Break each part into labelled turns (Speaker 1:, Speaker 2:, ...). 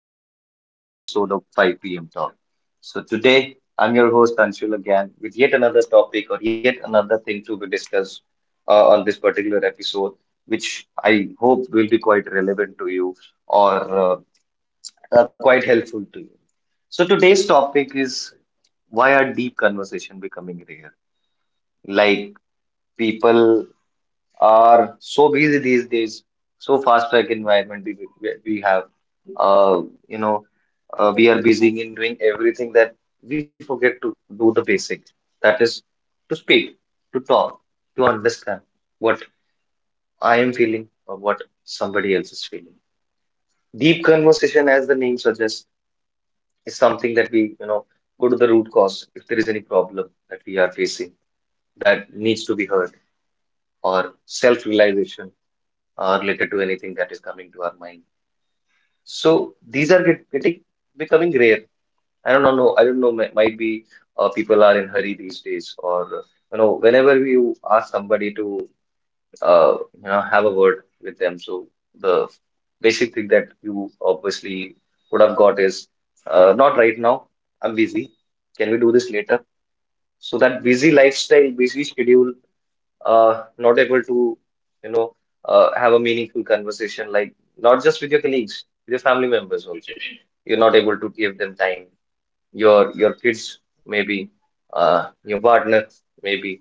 Speaker 1: Welcome back to the next episode of 5 p.m. Talk. So, today I'm your host Anshul again with yet another topic or yet another thing to be discussed on this particular episode, which I hope will be quite relevant to you or quite helpful to you. So, today's topic is, why are deep conversation becoming rare? Like, people are so busy these days, so fast track environment we have. Uh, you know, we are busy in doing everything that we forget to do the basic. That is to speak, to talk, to understand what I am feeling or what somebody else is feeling. Deep conversation, as the name suggests, is something that we, you know, go to the root cause if there is any problem that we are facing that needs to be heard, or self realization related to anything that is coming to our mind. So these are getting becoming rare. I don't know. I don't know. Might be people are in hurry these days, or, you know, whenever you ask somebody to you know have a word with them, so the basic thing that you obviously would have got is, not right now. I'm busy. Can we do this later? So that busy lifestyle, busy schedule, not able to, you know, have a meaningful conversation, like not just with your colleagues, with your family members also. You're not able to give them time. Your kids maybe, your partner maybe,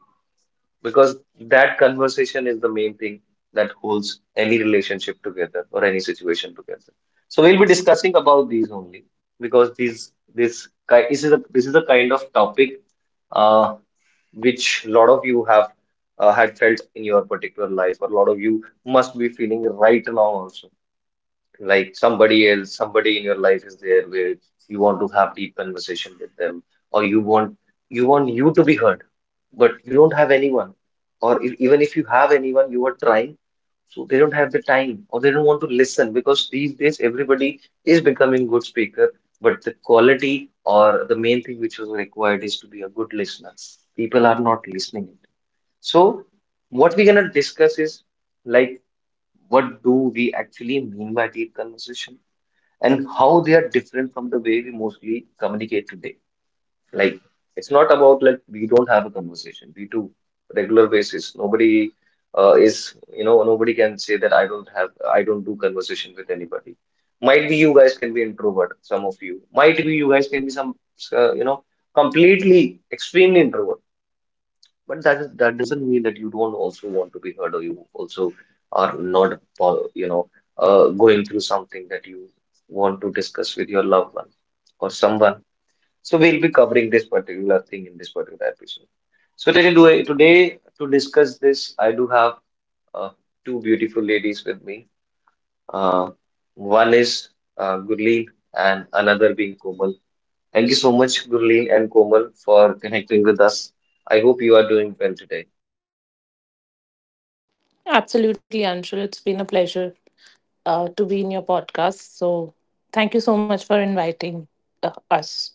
Speaker 1: because that conversation is the main thing that holds any relationship together or any situation together. So we'll be discussing about these only because this is a kind of topic, uh, which a lot of you have had felt in your particular life, or a lot of you must be feeling right now also, like somebody else, somebody in your life is there where you want to have deep conversation with them, or you want you to be heard, but you don't have anyone, or if, even if you have anyone, you are trying, so they don't have the time or they don't want to listen, because these days everybody is becoming good speaker, but the quality or the main thing which is required is to be a good listener. People are not listening. So what we're gonna discuss is, like, what do we actually mean by deep conversation and how they are different from the way we mostly communicate today. Like, it's not about like we don't have a conversation. We do regular basis. Nobody is, you know, nobody can say that I don't do conversation with anybody. Might be you guys can be introvert, some of you. Might be you guys can be some, uh, you know, completely extremely introvert, but that doesn't mean that you don't also want to be heard or you also are not, you know, going through something that you want to discuss with your loved one or someone. So we'll be covering this particular thing in this particular episode. So today, today to discuss this, I do have uh, two beautiful ladies with me. Uh, One is Gurleen and another being Komal. Thank you so much, Gurleen and Komal, for connecting with us. I hope you are doing well today.
Speaker 2: Absolutely, Anshul. It's been a pleasure to be in your podcast. So, thank you so much for inviting us.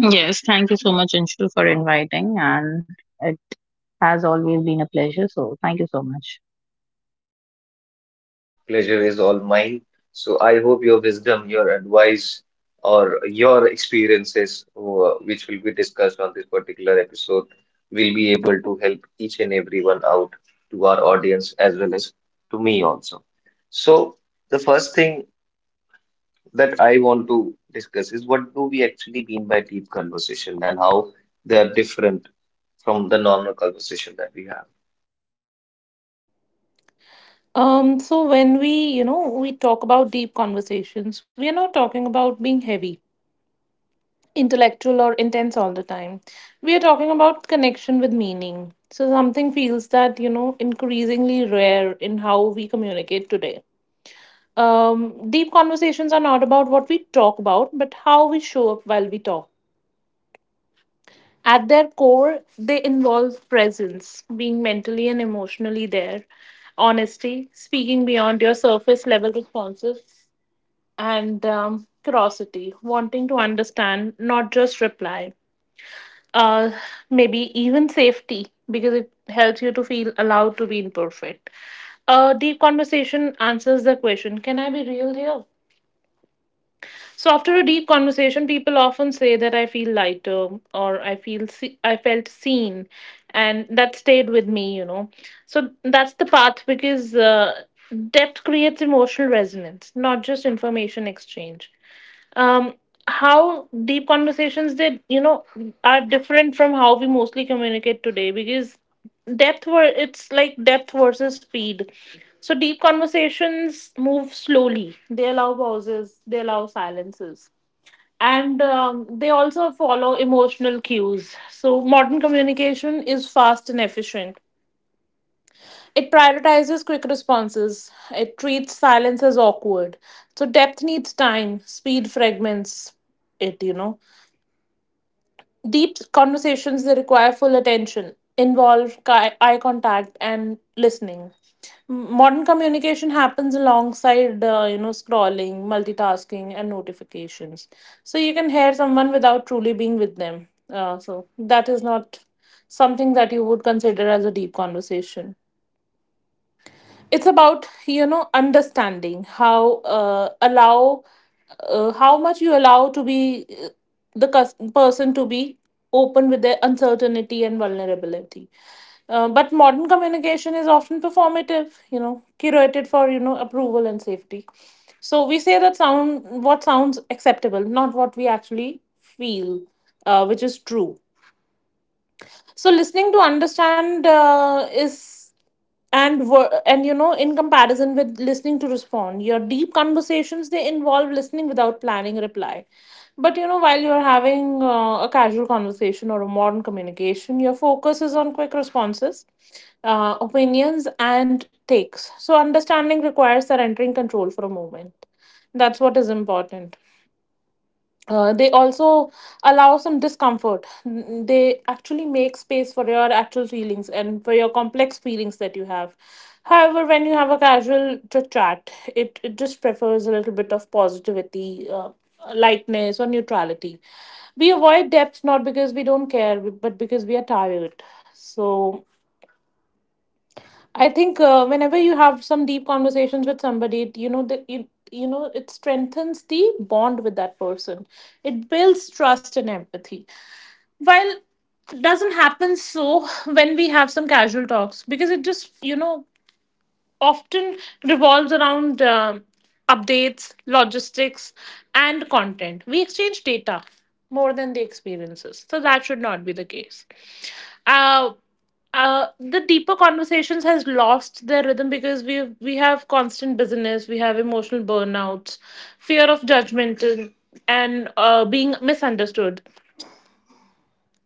Speaker 3: Yes, thank you so much, Anshul, for inviting, and it has always been a pleasure. So, thank you so much.
Speaker 1: Pleasure is all mine. So I hope your wisdom, your advice, or your experiences, which will be discussed on this particular episode, will be able to help each and everyone out, to our audience as well as to me also. So the first thing that I want to discuss is, what do we actually mean by deep conversation and how they are different from the normal conversation that we have.
Speaker 2: So when we talk about deep conversations, we are not talking about being heavy, intellectual, or intense all the time. We are talking about connection with meaning. So something feels that increasingly rare in how we communicate today. Deep conversations are not about what we talk about, but how we show up while we talk. At their core, they involve presence, being mentally and emotionally there, honesty, speaking beyond your surface level responses, and curiosity, wanting to understand, not just reply. Uh, Maybe even safety, because it helps you to feel allowed to be imperfect. A deep conversation answers the question, can I be real here? So after a deep conversation, people often say that I feel lighter or I felt seen, and that stayed with me. So that's the path because depth creates emotional resonance, not just information exchange. um, how deep conversations they you know are different from how we mostly communicate today, because depth were it's like depth versus speed. So deep conversations move slowly, they allow pauses, they allow silences, and they also follow emotional cues. So modern communication is fast and efficient, it prioritizes quick responses. It treats silence as awkward. So depth needs time, speed fragments it. Deep conversations they require full attention, involve eye contact and listening. Modern communication happens alongside scrolling, multitasking and notifications. So you can hear someone without truly being with them. So that is not something that you would consider as a deep conversation. It's about understanding how allow how much you allow to be the cus- person to be open with their uncertainty and vulnerability. But modern communication is often performative, curated for approval and safety. So we say that sound what sounds acceptable, not what we actually feel, which is true. So listening to understand is and wor- and in comparison with listening to respond, your deep conversations they involve listening without planning reply. But while you're having a casual conversation or a modern communication, your focus is on quick responses, opinions and takes. So understanding requires surrendering control for a moment. That's what is important. They also allow some discomfort. They actually make space for your actual feelings and for your complex feelings that you have. However, when you have a casual chit chat, it just prefers a little bit of positivity, lightness, or neutrality. We avoid depth not because we don't care, but because we are tired. So I think whenever you have some deep conversations with somebody, you know that you know it strengthens the bond with that person. It builds trust and empathy. While it doesn't happen so when we have some casual talks, because it just often revolves around updates, logistics, and content. We exchange data more than the experiences. So that should not be the case. Uh, the deeper conversations has lost their rhythm because we have constant busyness, we have emotional burnouts, fear of judgment, and being misunderstood.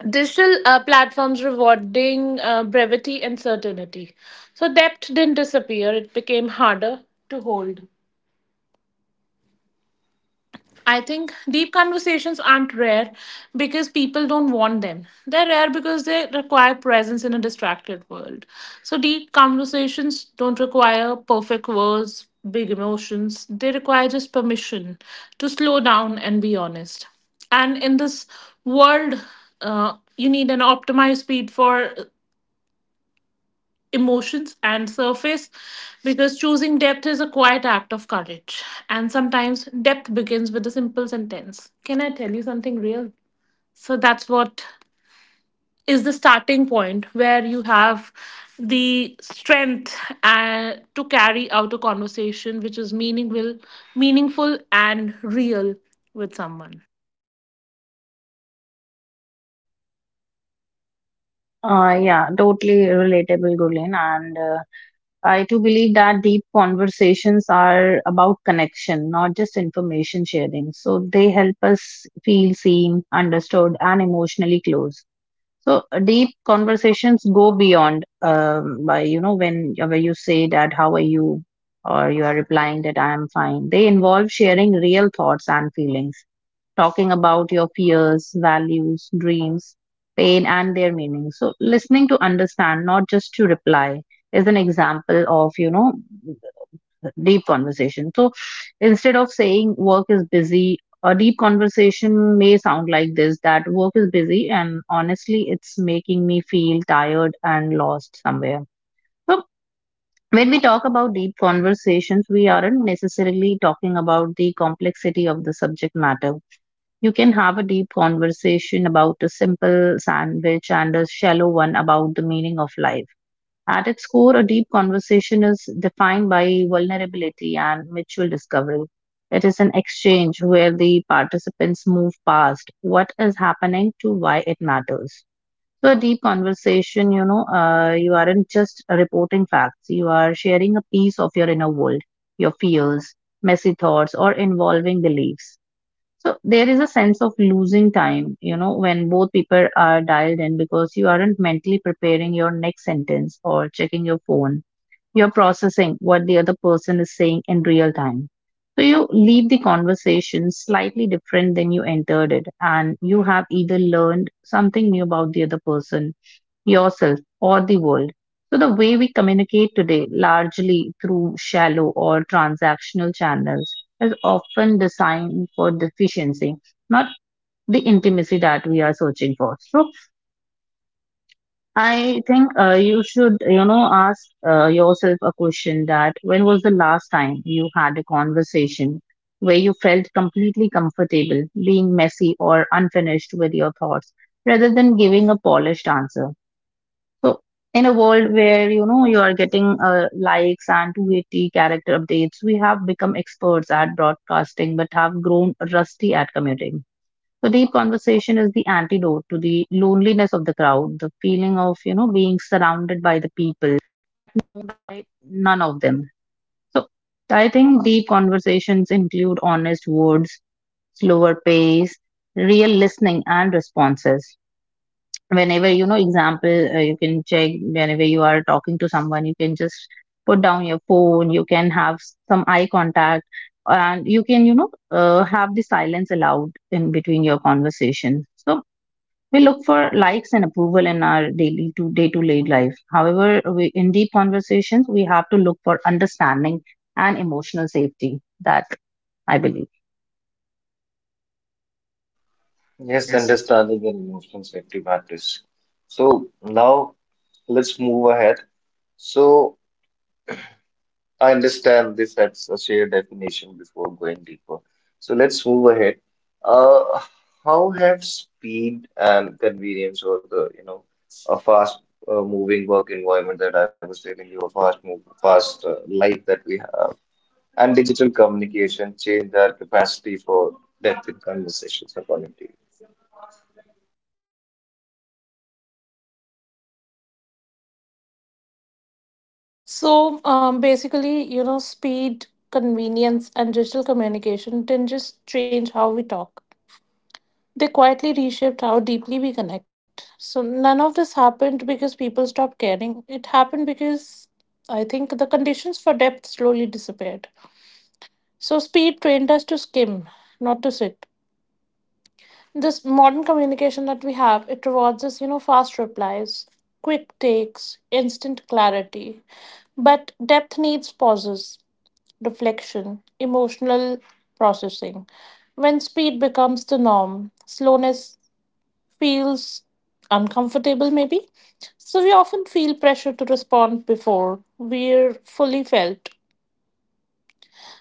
Speaker 2: Digital platforms rewarding brevity and certainty. So depth didn't disappear, it became harder to hold. I think deep conversations aren't rare because people don't want them. They're rare because they require presence in a distracted world. So, deep conversations don't require perfect words, big emotions. They require just permission to slow down and be honest. And in this world, you need an optimized speed for emotions and surface, because choosing depth is a quiet act of courage. And sometimes depth begins with a simple sentence, can I tell you something real? So that's what is the starting point where you have the strength to carry out a conversation which is meaningful, meaningful and real with someone.
Speaker 3: Yeah, totally relatable, Gulen, and I too believe that deep conversations are about connection, not just information sharing. So, they help us feel seen, understood, and emotionally close. So deep conversations go beyond by you know when you say that how are you or you are replying that I am fine. They involve sharing real thoughts and feelings, talking about your fears, values, dreams, pain, and their meaning. So listening to understand, not just to reply, is an example of deep conversation. So instead of saying work is busy, a deep conversation may sound like this, that work is busy, and honestly, it's making me feel tired and lost somewhere. So when we talk about deep conversations, we aren't necessarily talking about the complexity of the subject matter. You can have a deep conversation about a simple sandwich and a shallow one about the meaning of life. At its core, a deep conversation is defined by vulnerability and mutual discovery. It is an exchange where the participants move past what is happening to why it matters. So, a deep conversation, you aren't just reporting facts, you are sharing a piece of your inner world, your fears, messy thoughts, or involving beliefs. So there is a sense of losing time, you know, when both people are dialed in because you aren't mentally preparing your next sentence or checking your phone. You're processing what the other person is saying in real time. So you leave the conversation slightly different than you entered it, and you have either learned something new about the other person, yourself, or the world. So, the way we communicate today, largely through shallow or transactional channels, is often designed for deficiency, not the intimacy that we are searching for. So, I think you should, you know, ask yourself a question that when was the last time you had a conversation where you felt completely comfortable being messy or unfinished with your thoughts rather than giving a polished answer? So in a world where you know you are getting likes and 280 character updates, we have become experts at broadcasting but have grown rusty at commuting. So deep conversation is the antidote to the loneliness of the crowd, the feeling of you know being surrounded by the people known by none of them. So I think deep conversations include honest words, slower pace, real listening and responses. Whenever you know, example, you can check whenever you are talking to someone, you can just put down your phone, you can have some eye contact, and you can you know have the silence allowed in between your conversation. So we look for likes and approval in our daily to day life, however in deep conversations we have to look for understanding and emotional safety, that I believe.
Speaker 1: Yes, understanding and emotional safety matters. So now, let's move ahead. So I understand this as a shared definition before going deeper. So let's move ahead. Uh, how have speed and convenience, or, the, you know, a fast moving work environment that I was telling you, a fast life that we have, and digital communication changed our capacity for depth in conversations according to you?
Speaker 2: Basically, speed, convenience, and digital communication didn't just change how we talk. They quietly reshaped how deeply we connect. So none of this happened because people stopped caring. It happened because I think the conditions for depth slowly disappeared. So speed trained us to skim, not to sit. This modern communication that we have, it rewards us, fast replies, quick takes, instant clarity. But depth needs pauses, reflection, emotional processing. When speed becomes the norm, slowness feels uncomfortable, maybe. So we often feel pressure to respond before we're fully felt.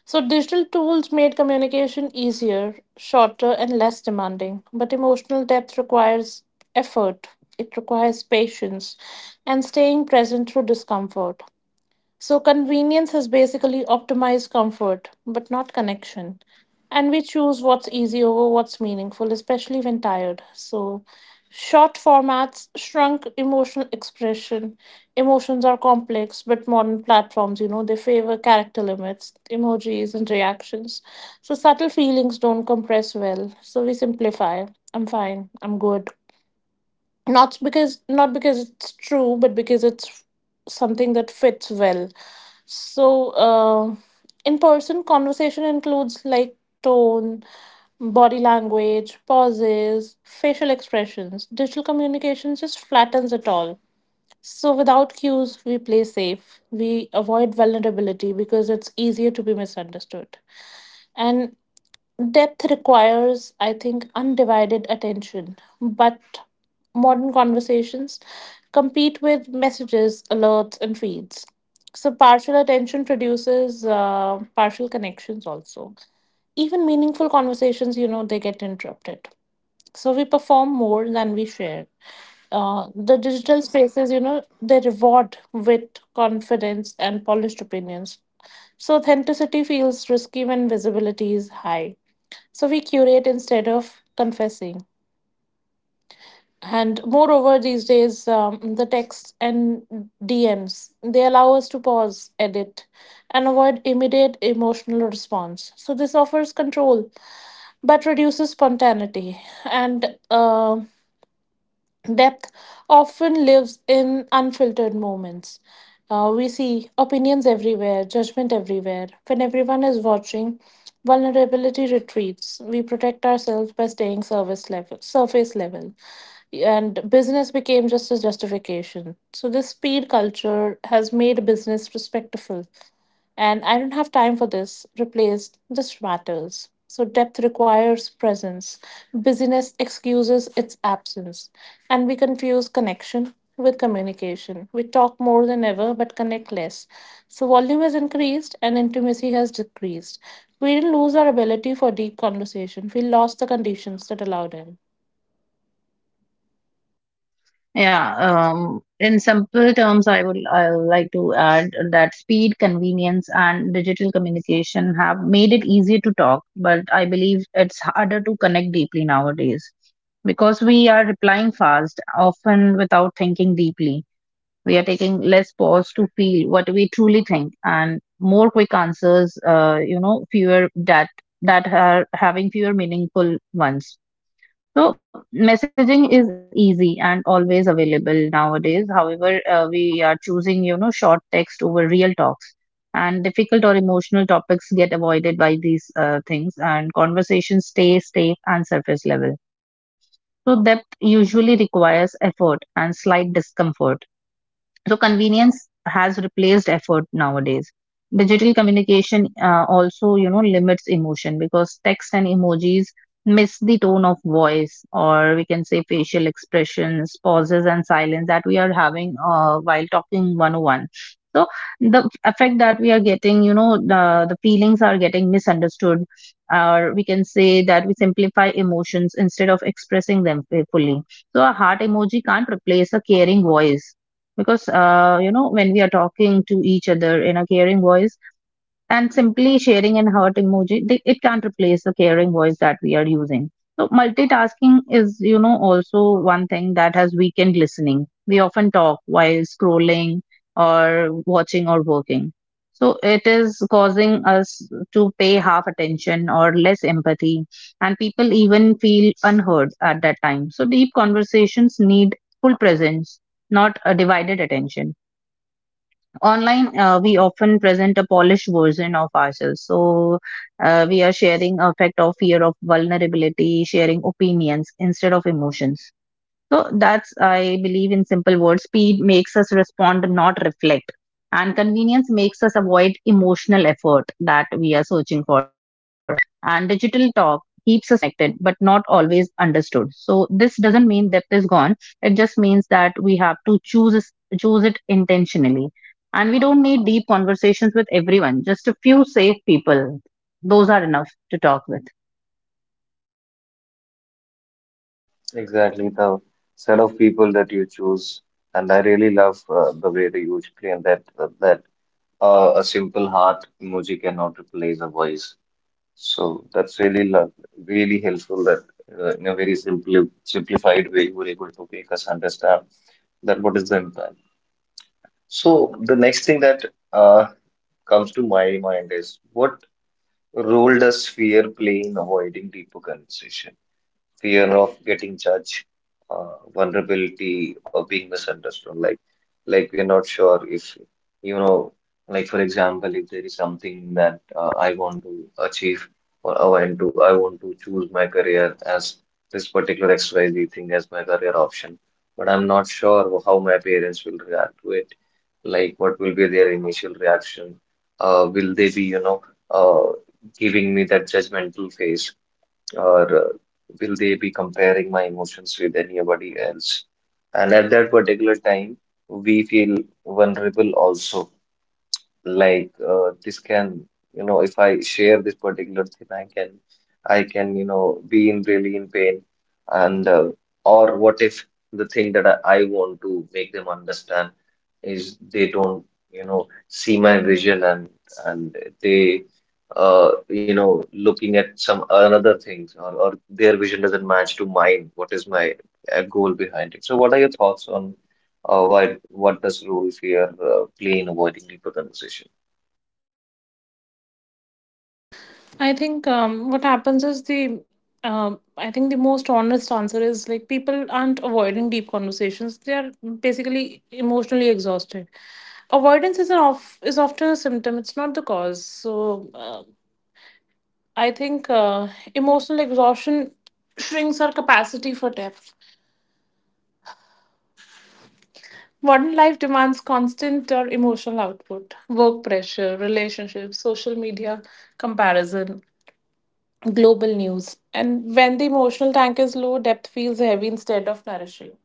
Speaker 2: So digital tools made communication easier, shorter, and less demanding. But emotional depth requires effort, it requires patience, and staying present through discomfort. So, convenience has basically optimized comfort, but not connection. And we choose what's easy over what's meaningful, especially when tired. So, short formats shrunk emotional expression. Emotions are complex, but modern platforms, they favor character limits, emojis, and reactions. So, subtle feelings don't compress well. So, we simplify, I'm fine, I'm good. Not because it's true, but because it's something that fits well. So, in person, conversation includes like tone, body language, pauses, facial expressions. Digital communication just flattens it all. So, without cues, we play safe. We avoid vulnerability because it's easier to be misunderstood. And depth requires, I think, undivided attention, but modern conversations compete with messages, alerts, and feeds. So, partial attention produces partial connections also. Even meaningful conversations, they get interrupted. So, we perform more than we share. The digital spaces, they reward wit, confidence, and polished opinions. So, authenticity feels risky when visibility is high. So we curate instead of confessing. And moreover, these days, the texts and DMs they allow us to pause, edit, and avoid immediate emotional response. So this offers control, but reduces spontaneity. And depth often lives in unfiltered moments. We see opinions everywhere, judgment everywhere. When everyone is watching, vulnerability retreats. We protect ourselves by staying surface level, and business became just a justification. So this speed culture has made business respectful, and I don't have time for this. Replaced, this matters. So, depth requires presence. Busyness excuses its absence. And we confuse connection with communication. We talk more than ever but connect less. So, volume has increased and intimacy has decreased. We didn't lose our ability for deep conversation, we lost the conditions that allowed it.
Speaker 3: Yeah, in simple terms, I would like to add that speed, convenience, and digital communication have made it easier to talk, but I believe it's harder to connect deeply nowadays because we are replying fast, often without thinking deeply. We are taking less pause to feel what we truly think, and more quick answers. You know, fewer that are having fewer meaningful ones. So, messaging is easy and always available nowadays. However, we are choosing, you know, short text over real talks. And difficult or emotional topics get avoided by these things, and conversations stay safe and surface level. So, depth usually requires effort and slight discomfort. So convenience has replaced effort nowadays. Digital communication also, you know, limits emotion because text and emojis miss the tone of voice, or we can say facial expressions, pauses and silence that we are having while talking one-on-one. So the effect that we are getting, you know, the feelings are getting misunderstood, or we can say we simplify emotions instead of expressing them fully. So a heart emoji can't replace a caring voice because, you know, when we are talking to each other in a caring voice, and simply sharing and heart emoji it can't replace the caring voice that we are using. So multitasking is you know also one thing that has weakened listening. We often talk while scrolling or watching or working, so it is causing us to pay half attention or less empathy, and people even feel unheard at that time. So deep conversations need full presence, not a divided attention. Online, we often present a polished version of ourselves. So we are sharing affect or fear of vulnerability, sharing opinions instead of emotions. So that's, I believe, in simple words, speed makes us respond, not reflect. And convenience makes us avoid emotional effort that we are searching for. And digital talk keeps us connected, but not always understood. So this doesn't mean depth is gone. It just means that we have to choose it intentionally. And we don't need deep conversations with everyone. Just a few safe people. Those are enough to talk with.
Speaker 1: Exactly, the set of people that you choose. And I really love the way that you explain that, uh, a simple heart emoji cannot replace a voice. So that's really really helpful that, in a very simple simplified way, you were able to make us understand that what is the impact. So the next thing that uh, comes to my mind is, what role does fear play in avoiding deeper conversation? Fear of getting judged, vulnerability, or being misunderstood. Like we are not sure if, you know, like for example, if there is something that I want to achieve, or I want to choose my career as this particular XYZ thing as my career option, but I'm not sure how my parents will react to it. Like, what will be their initial reaction? Will they be, you know, uh, giving me that judgmental face? Or will they be comparing my emotions with anybody else? And at that particular time, we feel vulnerable also. Like, this can, you know, if I share this particular thing I can, I can, you know, be in really in pain, and or what if the thing that I want to make them understand is they don't, you know, see my vision, and they, uh, you know, looking at some another things, or their vision doesn't match to mine, what is my goal behind it? So what are your thoughts on, why what does role fear play in avoiding deeper conversation?
Speaker 2: I think what happens is the I think the most honest answer is like people aren't avoiding deep conversations. They are basically emotionally exhausted. Avoidance is an off is often a symptom. It's not the cause. So I think emotional exhaustion shrinks our capacity for depth. Modern life demands constant or emotional output, work pressure, relationships, social media, comparison, global news. And when the emotional tank is low, depth feels heavy instead of nourishing.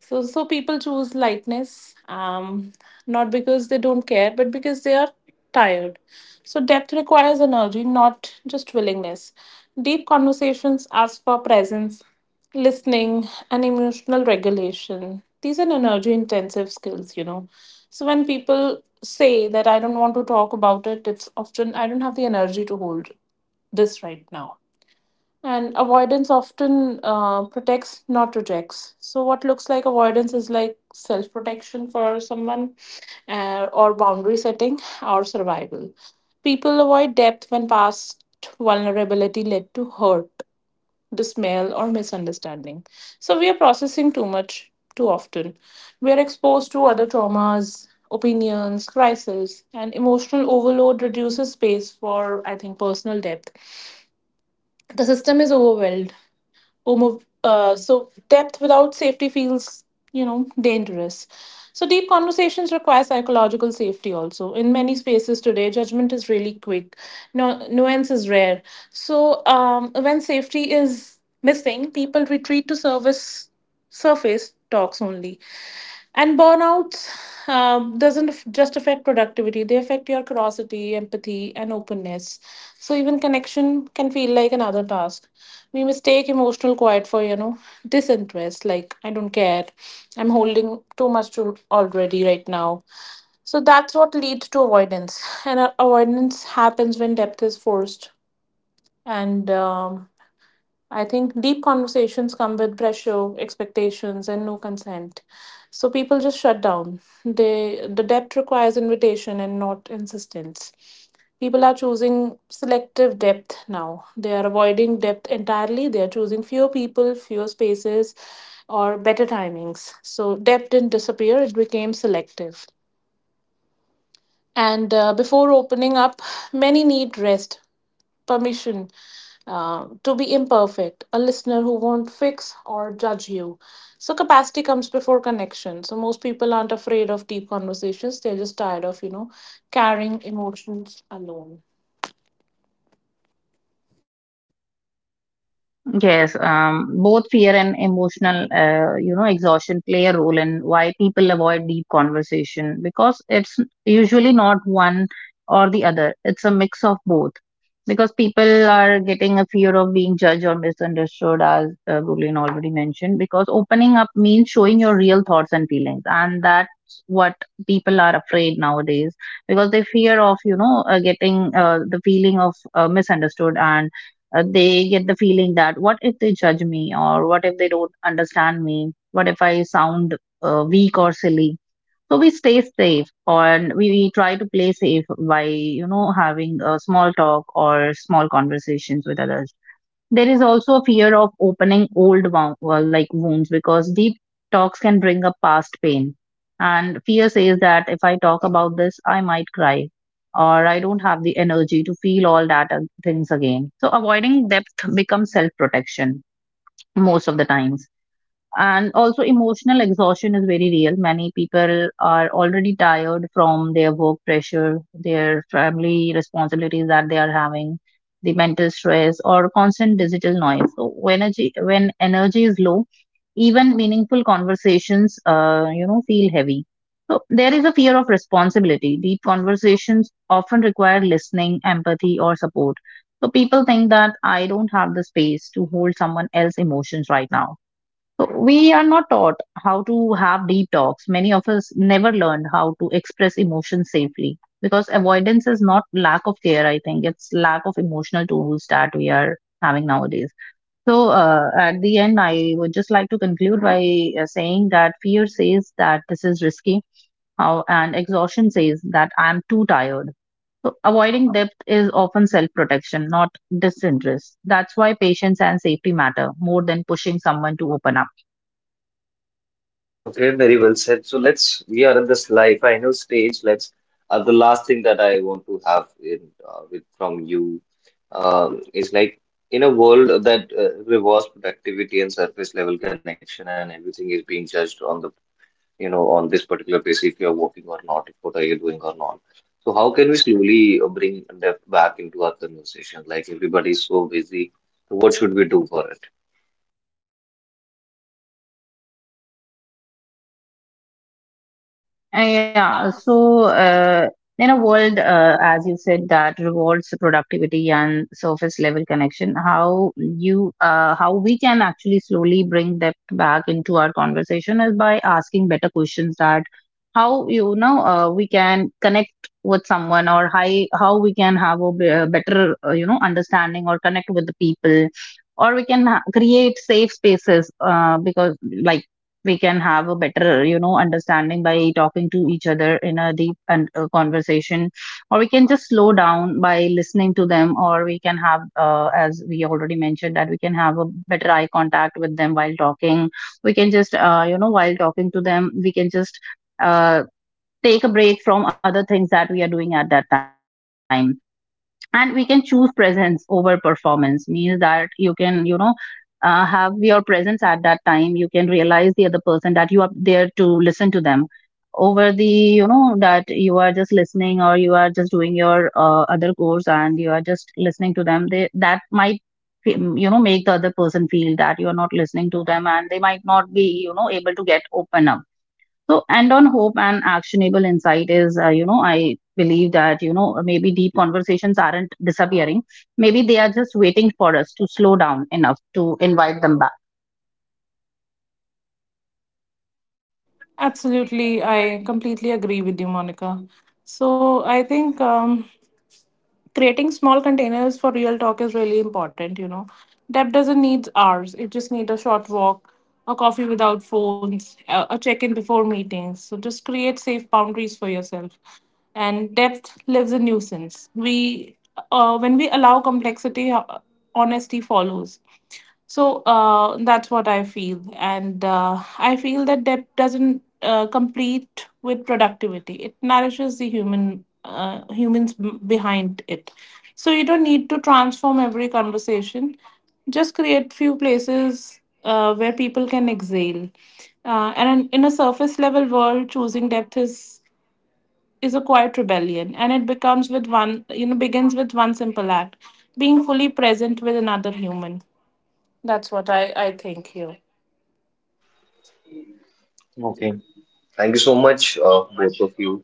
Speaker 2: So people choose lightness, not because they don't care, but because they are tired. So, depth requires energy, not just willingness. Deep conversations ask for presence, listening, and emotional regulation. These are energy intensive skills, So, when people say that I don't want to talk about it, it's often I don't have the energy to hold this right now. And avoidance often protects, not rejects. So, what looks like avoidance is like self protection for someone, or boundary setting, or survival. People avoid depth when past vulnerability led to hurt, dismay, or misunderstanding. So, we are processing too much too often. We are exposed to other traumas, opinions, crises, and emotional overload reduces space for, I think, personal depth. The system is overwhelmed. So depth without safety feels, dangerous. So deep conversations require psychological safety also. In many spaces today, judgment is really quick. No, nuance is rare. So when safety is missing, people retreat to service surface talks only. And burnouts doesn't f- just affect productivity; they affect your curiosity, empathy, and openness. So even connection can feel like another task. We mistake emotional quiet for disinterest, like I don't care, I'm holding too much to already right now. So that's what leads to avoidance, and avoidance happens when depth is forced. And I think deep conversations come with pressure, expectations, and no consent. So people just shut down. The depth requires invitation and not insistence. People are choosing selective depth now. They are avoiding depth entirely. They are choosing fewer people, fewer spaces, or better timings. So depth didn't disappear, it became selective. And before opening up, many need rest, permission to be imperfect, a listener who won't fix or judge you. So capacity comes before connection. So most people aren't afraid of deep conversations. They're just tired of, carrying emotions alone.
Speaker 3: Yes, both fear and emotional, you know, exhaustion play a role in why people avoid deep conversation because it's usually not one or the other. It's a mix of both because people are getting a fear of being judged or misunderstood, as Gurleen already mentioned, because opening up means showing your real thoughts and feelings, and that's what people are afraid nowadays because they fear of, you know, getting the feeling of misunderstood. And they get the feeling that what if they judge me, or what if they don't understand me, what if I sound weak or silly? So we stay safe and we try to play safe by you know having a small talk or small conversations with others. There is also a fear of opening old like wounds because deep talks can bring up past pain. And fear says that if I talk about this, I might cry, or I don't have the energy to feel all that things again. So avoiding depth becomes self protection most of the times. And also emotional exhaustion is very real. Many people are already tired from their work pressure, their family responsibilities that they are having, the mental stress or constant digital noise. So when energy is low, even meaningful conversations you know feel heavy. So there is a fear of responsibility. Deep conversations often require listening, empathy or support. So people think that I don't have the space to hold someone else's emotions right now. So, we are not taught how to have deep talks. Many of us never learned how to express emotions safely because avoidance is not lack of care, I think. It's lack of emotional tools that we are having nowadays. So, at the end, I would just like to conclude by saying that fear says that this is risky, how, and exhaustion says that I'm too tired. So, avoiding depth is often self protection, not disinterest. That's why patience and safety matter more than pushing someone to open up.
Speaker 1: Okay, very well said. So let's, we are in this live final stage. The last thing that I want to have in, with from you, is like, in a world that rewards productivity and surface level connection, and everything is being judged on the, you know, on this particular basis, if you're working or not, if what are you doing or not. So how can we slowly bring depth back into our conversation? Like, everybody's so busy, what should we do for it?
Speaker 3: Yeah, so in a world, as you said, that rewards productivity and surface level connection, how we can actually slowly bring that back into our conversation is by asking better questions. That how you know we can connect with someone, or how we can have a a better you know understanding or connect with the people, or we can create safe spaces because like we can have a better you know understanding by talking to each other in a deep and conversation. Or we can just slow down by listening to them, or we can have as we already mentioned that we can have a better eye contact with them while talking. We can just you know while talking to them we can just uh, take a break from other things that we are doing at that time, and we can choose presence over performance, means that you can you know have your presence at that time. You can realize the other person that you are there to listen to them over the you know that you are just listening, or you are just doing your other course and you are just listening to them. They, that might fe- you know make the other person feel that you are not listening to them, and they might not be you know able to get open up. So, and on hope and actionable insight is, you know, I believe that, you know, maybe deep conversations aren't disappearing. Maybe they are just waiting for us to slow down enough to invite them back.
Speaker 2: Absolutely. I completely agree with you, Monica. So I think. Creating small containers for real talk is really important, depth doesn't need hours, it just needs a short walk, a coffee without phones, a check-in before meetings. So just create safe boundaries for yourself. And depth lives in nuisance. We When we allow complexity, honesty follows. So that's what I feel. And I feel that debt doesn't complete with productivity. It nourishes the humans behind it. So you don't need to transform every conversation. Just create few places where people can exhale. And in a surface level world, choosing depth is a quiet rebellion, and it becomes with one you know begins with one simple act: being fully present with another human. That's what I think you.
Speaker 1: Okay. Thank you so much, both of you,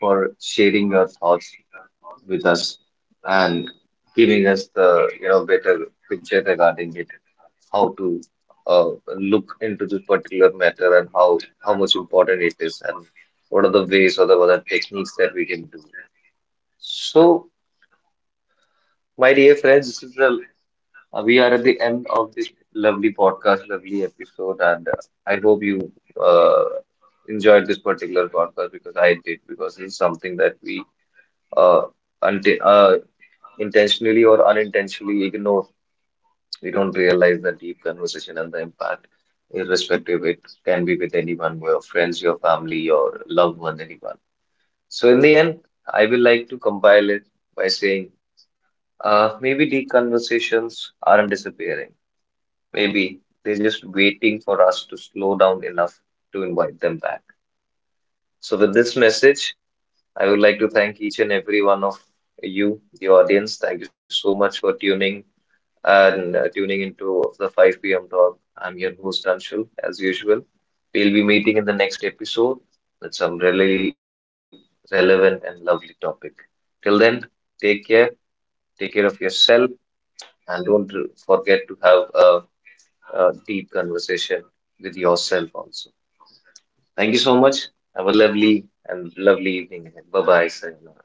Speaker 1: for sharing your thoughts with us and giving us the, you know, better picture regarding it, how to uh, look into this particular matter and how much important it is, and what are the ways or the other techniques that we can do. So, my dear friends, this is a we are at the end of this lovely podcast, lovely episode, and I hope you uh, enjoyed this particular podcast, because I did, because it's something that we uh, unti intentionally or unintentionally ignore. We don't realize the deep conversation and the impact, irrespective, it can be with anyone, your friends, your family, your loved one, anyone. So, in the end, I will like to compile it by saying, maybe deep conversations aren't disappearing. Maybe they're just waiting for us to slow down enough to invite them back. So, with this message, I would like to thank each and every one of you, the audience. Thank you so much for tuning into the 5 p.m. talk. I'm your host, Anshul, as usual. We'll be meeting in the next episode with some really relevant and lovely topic. Till then, take care, take care of yourself, and don't forget to have a deep conversation with yourself also. Thank you so much. Have a lovely evening ahead. Bye bye, Sayonara.